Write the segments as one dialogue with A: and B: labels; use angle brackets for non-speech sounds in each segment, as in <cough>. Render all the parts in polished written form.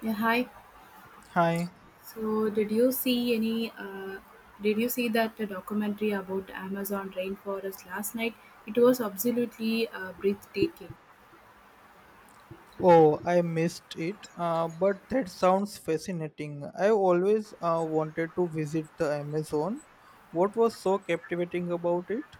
A: Yeah, hi.
B: Hi.
A: So, did you see any? Did you see that documentary about Amazon rainforest last night? It was absolutely breathtaking.
B: Oh, I missed it. But that sounds fascinating. I always wanted to visit the Amazon. What was so captivating about it?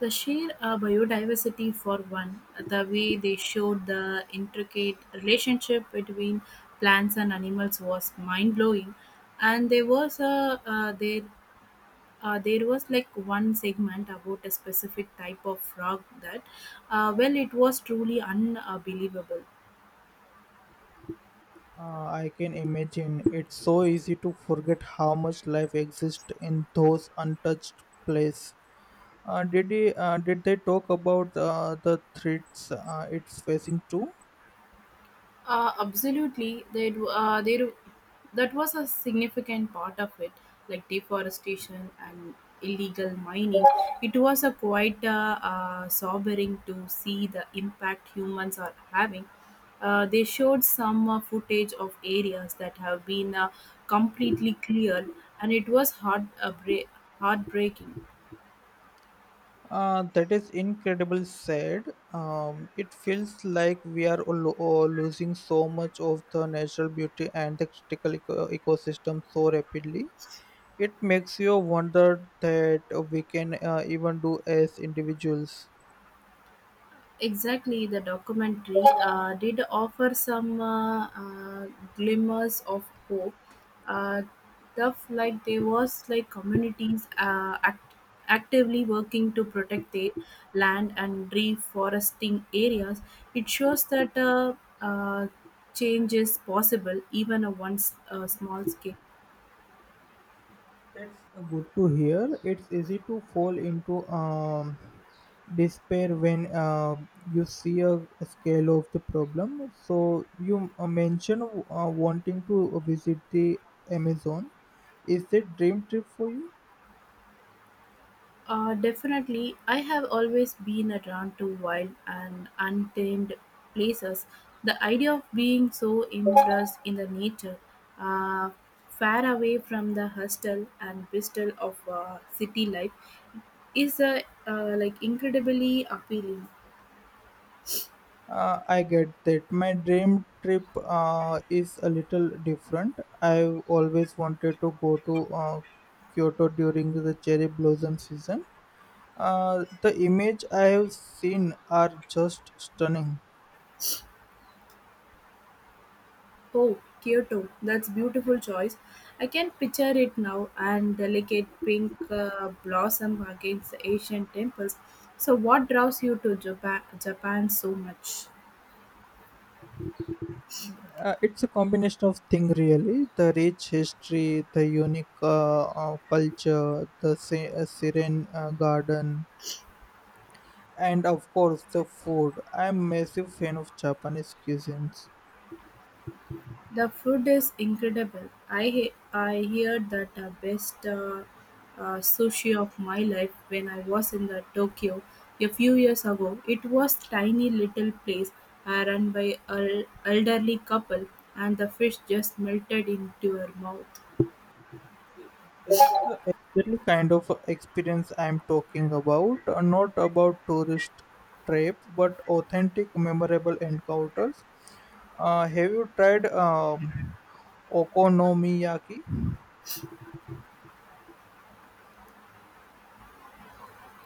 A: The sheer biodiversity, for one, the way they showed the intricate relationship between plants and animals was mind blowing. And there was a there. There was like one segment about a specific type of frog that, well, it was truly unbelievable.
B: I can imagine it's so easy to forget how much life exists in those untouched places. Did they talk about the threats it's facing too?
A: Absolutely. That do- they that was a significant part of it, like deforestation and illegal mining. It was a quite sobering to see the impact humans are having. They showed some footage of areas that have been completely cleared, and it was heartbreaking.
B: That is incredible sad. It feels like we are losing so much of the natural beauty and the critical ecosystem so rapidly. It makes you wonder that we can even do as individuals.
A: Exactly, the documentary did offer some glimmers of hope. Uh, Stuff like there was like communities actively working to protect their land and reforesting areas. It shows that uh, change is possible, even on small scale.
B: That's good to hear. It's easy to fall into despair when you see a scale of the problem. So you mentioned wanting to visit the Amazon. Is that dream trip for you?
A: Definitely. I have always been drawn to wild and untamed places. The idea of being so immersed in the nature, uh, far away from the hustle and bustle of city life, is like incredibly appealing.
B: I get that. My dream trip is a little different. I've always wanted to go to Kyoto during the cherry blossom season. The image I have seen are just stunning.
A: Oh, Kyoto, that's beautiful choice. I can picture it now and delicate pink blossom against the Asian temples. So, what draws you to Japan so much?
B: It's a combination of things, really. The rich history, the unique culture, the serene garden, and of course the food. I'm a massive fan of Japanese cuisines.
A: The food is incredible. I he- I heard that the best sushi of my life when I was in the Tokyo a few years ago. It was tiny little place run by an elderly couple, and the fish just melted into her mouth.
B: That's the exactly kind of experience I'm talking about. Not about tourist trip, but authentic, memorable encounters. Have you tried okonomiyaki?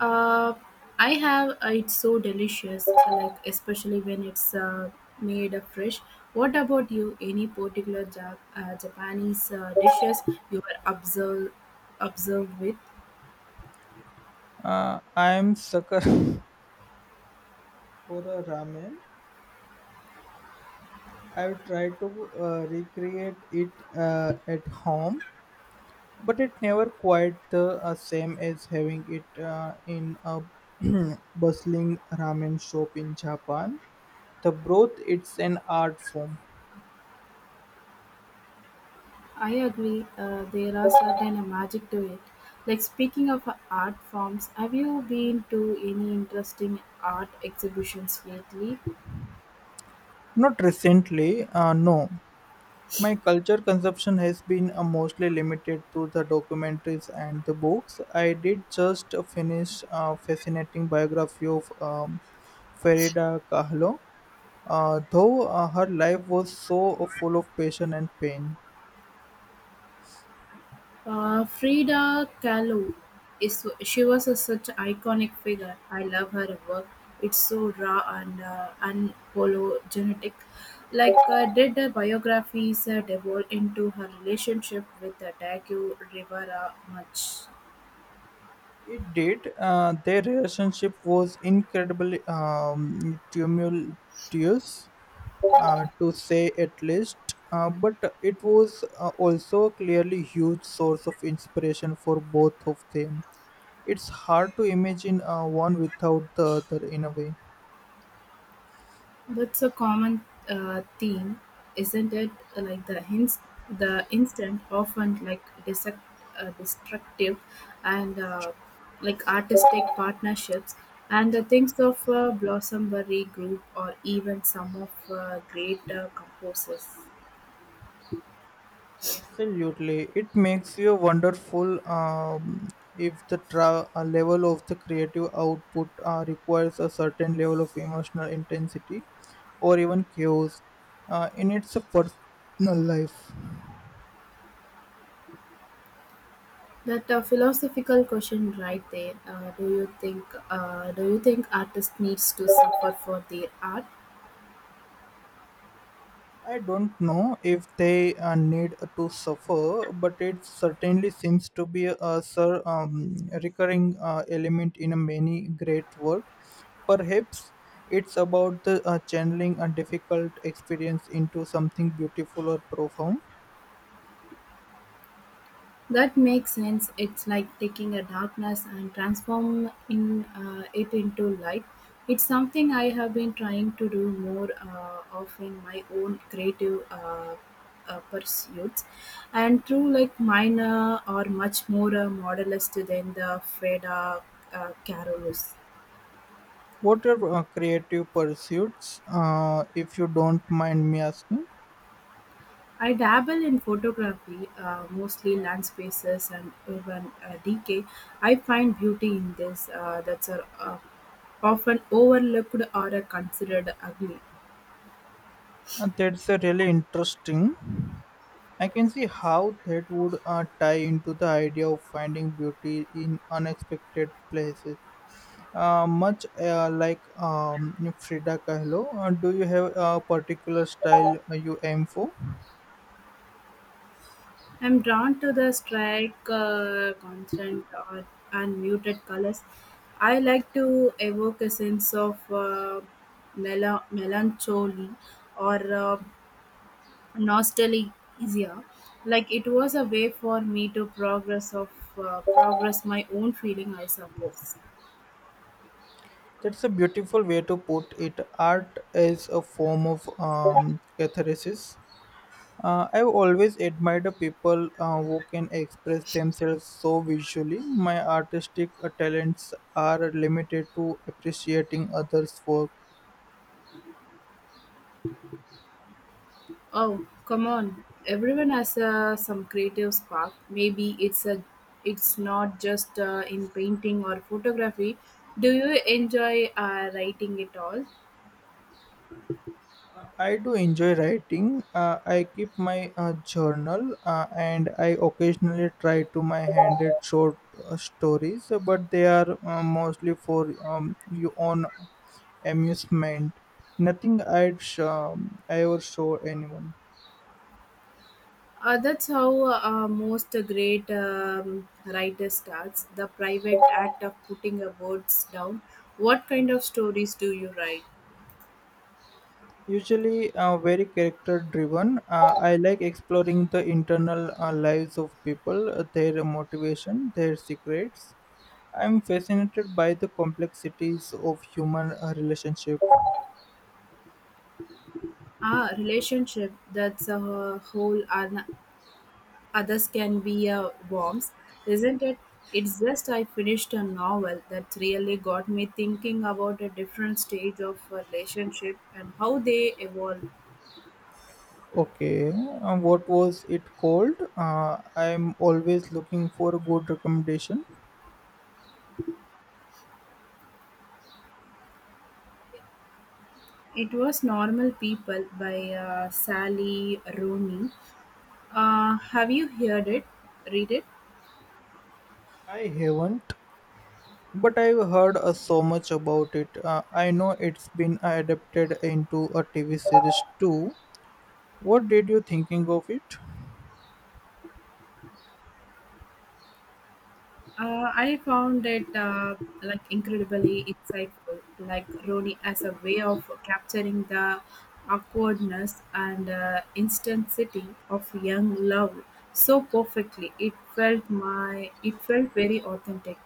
A: Uh, I have. It's so delicious, like especially when it's made fresh. What about you? Any particular Japanese dishes you were observed with?
B: I am sucker <laughs> for a ramen. I've tried to recreate it at home, but it never quite the same as having it in a <clears throat> bustling ramen shop in Japan. The broth, it's an art form.
A: I agree. There are certain magic to it. Like speaking of art forms, have you been to any interesting art exhibitions lately?
B: Not recently, no. My culture consumption has been mostly limited to the documentaries and the books. I did just finish a fascinating biography of Farida Kahlo, though her life was so full of passion and pain.
A: Frida Kahlo is she was a, such iconic figure. I love her work. It's so raw and unapologetic. Like did the biographies delve into her relationship with Diego Rivera much?
B: It did. Their relationship was incredibly tumultuous, to say at least. But it was also a clearly huge source of inspiration for both of them. It's hard to imagine one without the other in a way.
A: That's a common theme, isn't it? Like the hints, the instant, often like dissect, destructive, and like artistic partnerships. And the things of Blossombury Group or even some of great composers.
B: Absolutely, it makes you wonderful if the level of the creative output requires a certain level of emotional intensity or even chaos in its personal life.
A: That philosophical question right there. Do you think? Do you think artists needs to suffer for their art?
B: I don't know if they need to suffer, but it certainly seems to be a recurring element in many great work. Perhaps it's about the channeling a difficult experience into something beautiful or profound.
A: That makes sense. It's like taking a darkness and transform in it into light. It's something I have been trying to do more of in my own creative pursuits, and through like minor or much more modernist than the Freda Carolus.
B: What are creative pursuits, if you don't mind me asking?
A: I dabble in photography, mostly landscapes and urban decay. I find beauty in this that's are, often overlooked or are considered ugly.
B: And that's a really interesting. I can see how that would tie into the idea of finding beauty in unexpected places. Much like Frida Kahlo, do you have a particular style you aim for?
A: I'm drawn to the strike, constant, or unmuted colors. I like to evoke a sense of melancholy or nostalgia, like it was a way for me to progress my own feeling, I suppose.
B: That's a beautiful way to put it. Art as a form of catharsis. I've always admired the people who can express themselves so visually. My artistic talents are limited to appreciating others' work.
A: Oh, come on, everyone has some creative spark. Maybe it's a it's not just in painting or photography. Do you enjoy writing at all?
B: I do enjoy writing. I keep my journal and I occasionally try to my hand at short stories, but they are mostly for your own amusement. Nothing I ever show anyone.
A: That's how most great writer starts, the private act of putting your words down. What kind of stories do you write?
B: Usually very character driven. I like exploring the internal lives of people, their motivation, their secrets. I'm fascinated by the complexities of human relationship.
A: Ah, relationship, that's a whole ano- others can be a worms, isn't it? It's just I finished a novel that really got me thinking about a different stage of a relationship and how they evolve.
B: Okay, what was it called? I'm always looking for a good recommendation.
A: It was Normal People by Sally Rooney. Have you heard it? Read it?
B: I haven't, but I've heard so much about it. I know it's been adapted into a TV series too. What did you thinking of it?
A: I found it like incredibly insightful, like Roni as a way of capturing the awkwardness and intensity of young love so perfectly. It felt very authentic.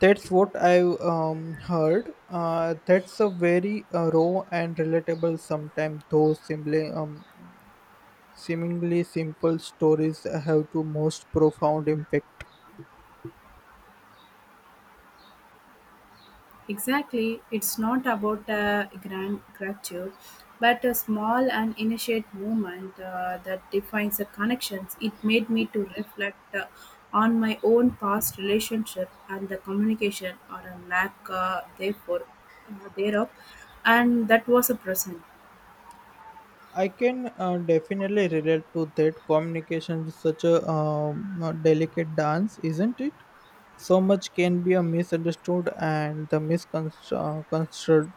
B: That's what I've heard. That's a very raw and relatable, sometimes those simply, seemingly simple stories have to most profound impact.
A: Exactly, it's not about a grand gratitude, but a small and initiate movement that defines the connections. It made me to reflect on my own past relationship and the communication or a lack therefore thereof, and that was a present.
B: I can definitely relate to that. Communication is such a delicate dance, isn't it? So much can be a misunderstood and the misconstrued.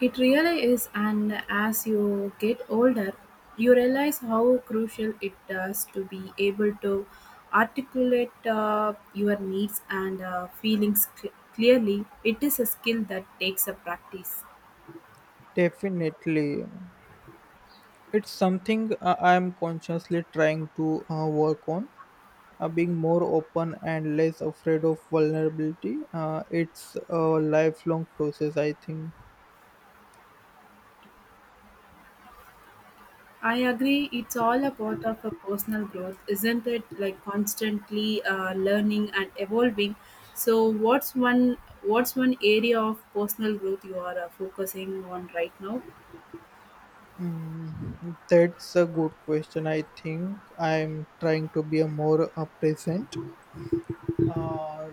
A: It really is, and as you get older, you realize how crucial it does to be able to articulate your needs and feelings clearly. It is a skill that takes a practice.
B: Definitely, it's something I am consciously trying to work on being more open and less afraid of vulnerability it's a lifelong process I think.
A: I agree, it's all a part of a personal growth, isn't it? Like constantly learning and evolving. So, what's one area of personal growth you are focusing on right now?
B: Mm, that's a good question I think I'm trying to be a more present uh,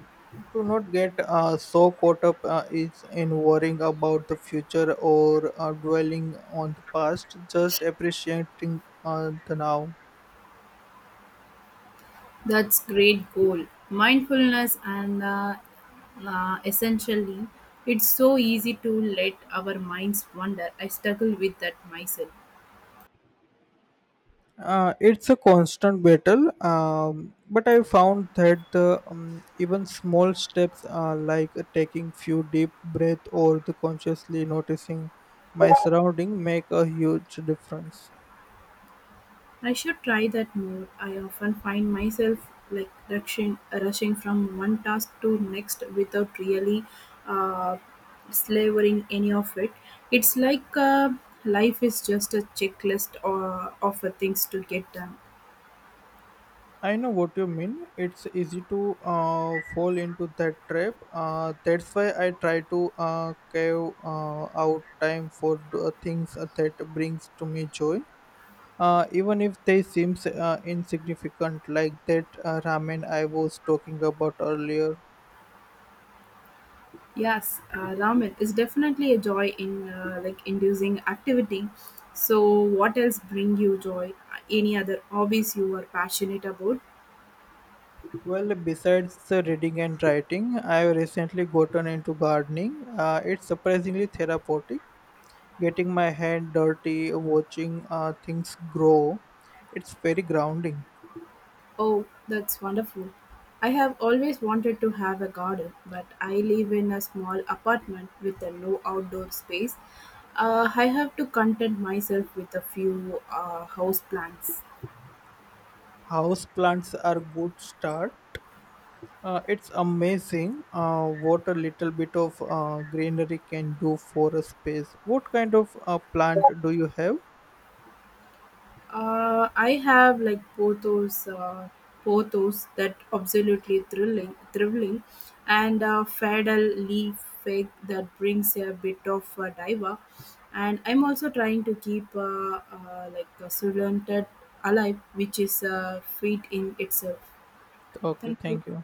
B: to not get so caught up is in worrying about the future or dwelling on the past just appreciating the now.
A: That's great goal. Mindfulness and essentially, it's so easy to let our minds wander. I struggle with that myself.
B: It's a constant battle, but I found that the even small steps, like taking few deep breath or the consciously noticing my surrounding, make a huge difference.
A: I should try that more. I often find myself like rushing from one task to next without really uh, slavering any of it. It's like life is just a checklist or of things to get done.
B: I know what you mean. It's easy to fall into that trap. That's why I try to carve out time for the things that brings to me joy even if they seem insignificant, like that ramen I was talking about earlier.
A: Yes, ramen is definitely a joy in like inducing activity. So, what else bring you joy? Any other hobbies you are passionate about?
B: Well, besides reading and writing, I have recently gotten into gardening. It's surprisingly therapeutic. Getting my hand dirty, watching things grow, it's very grounding.
A: Oh, that's wonderful. I have always wanted to have a garden, but I live in a small apartment with a no outdoor space. I have to content myself with a few house plants.
B: House plants are good start. It's amazing what a little bit of greenery can do for a space. What kind of plant do you have?
A: I have like Porthos, Porthos that absolutely thrilling, and Fadal leaf fake that brings a bit of diva. And I'm also trying to keep like Sulantet alive, which is a feat in itself.
B: Okay,
A: Thank you.
B: thank you.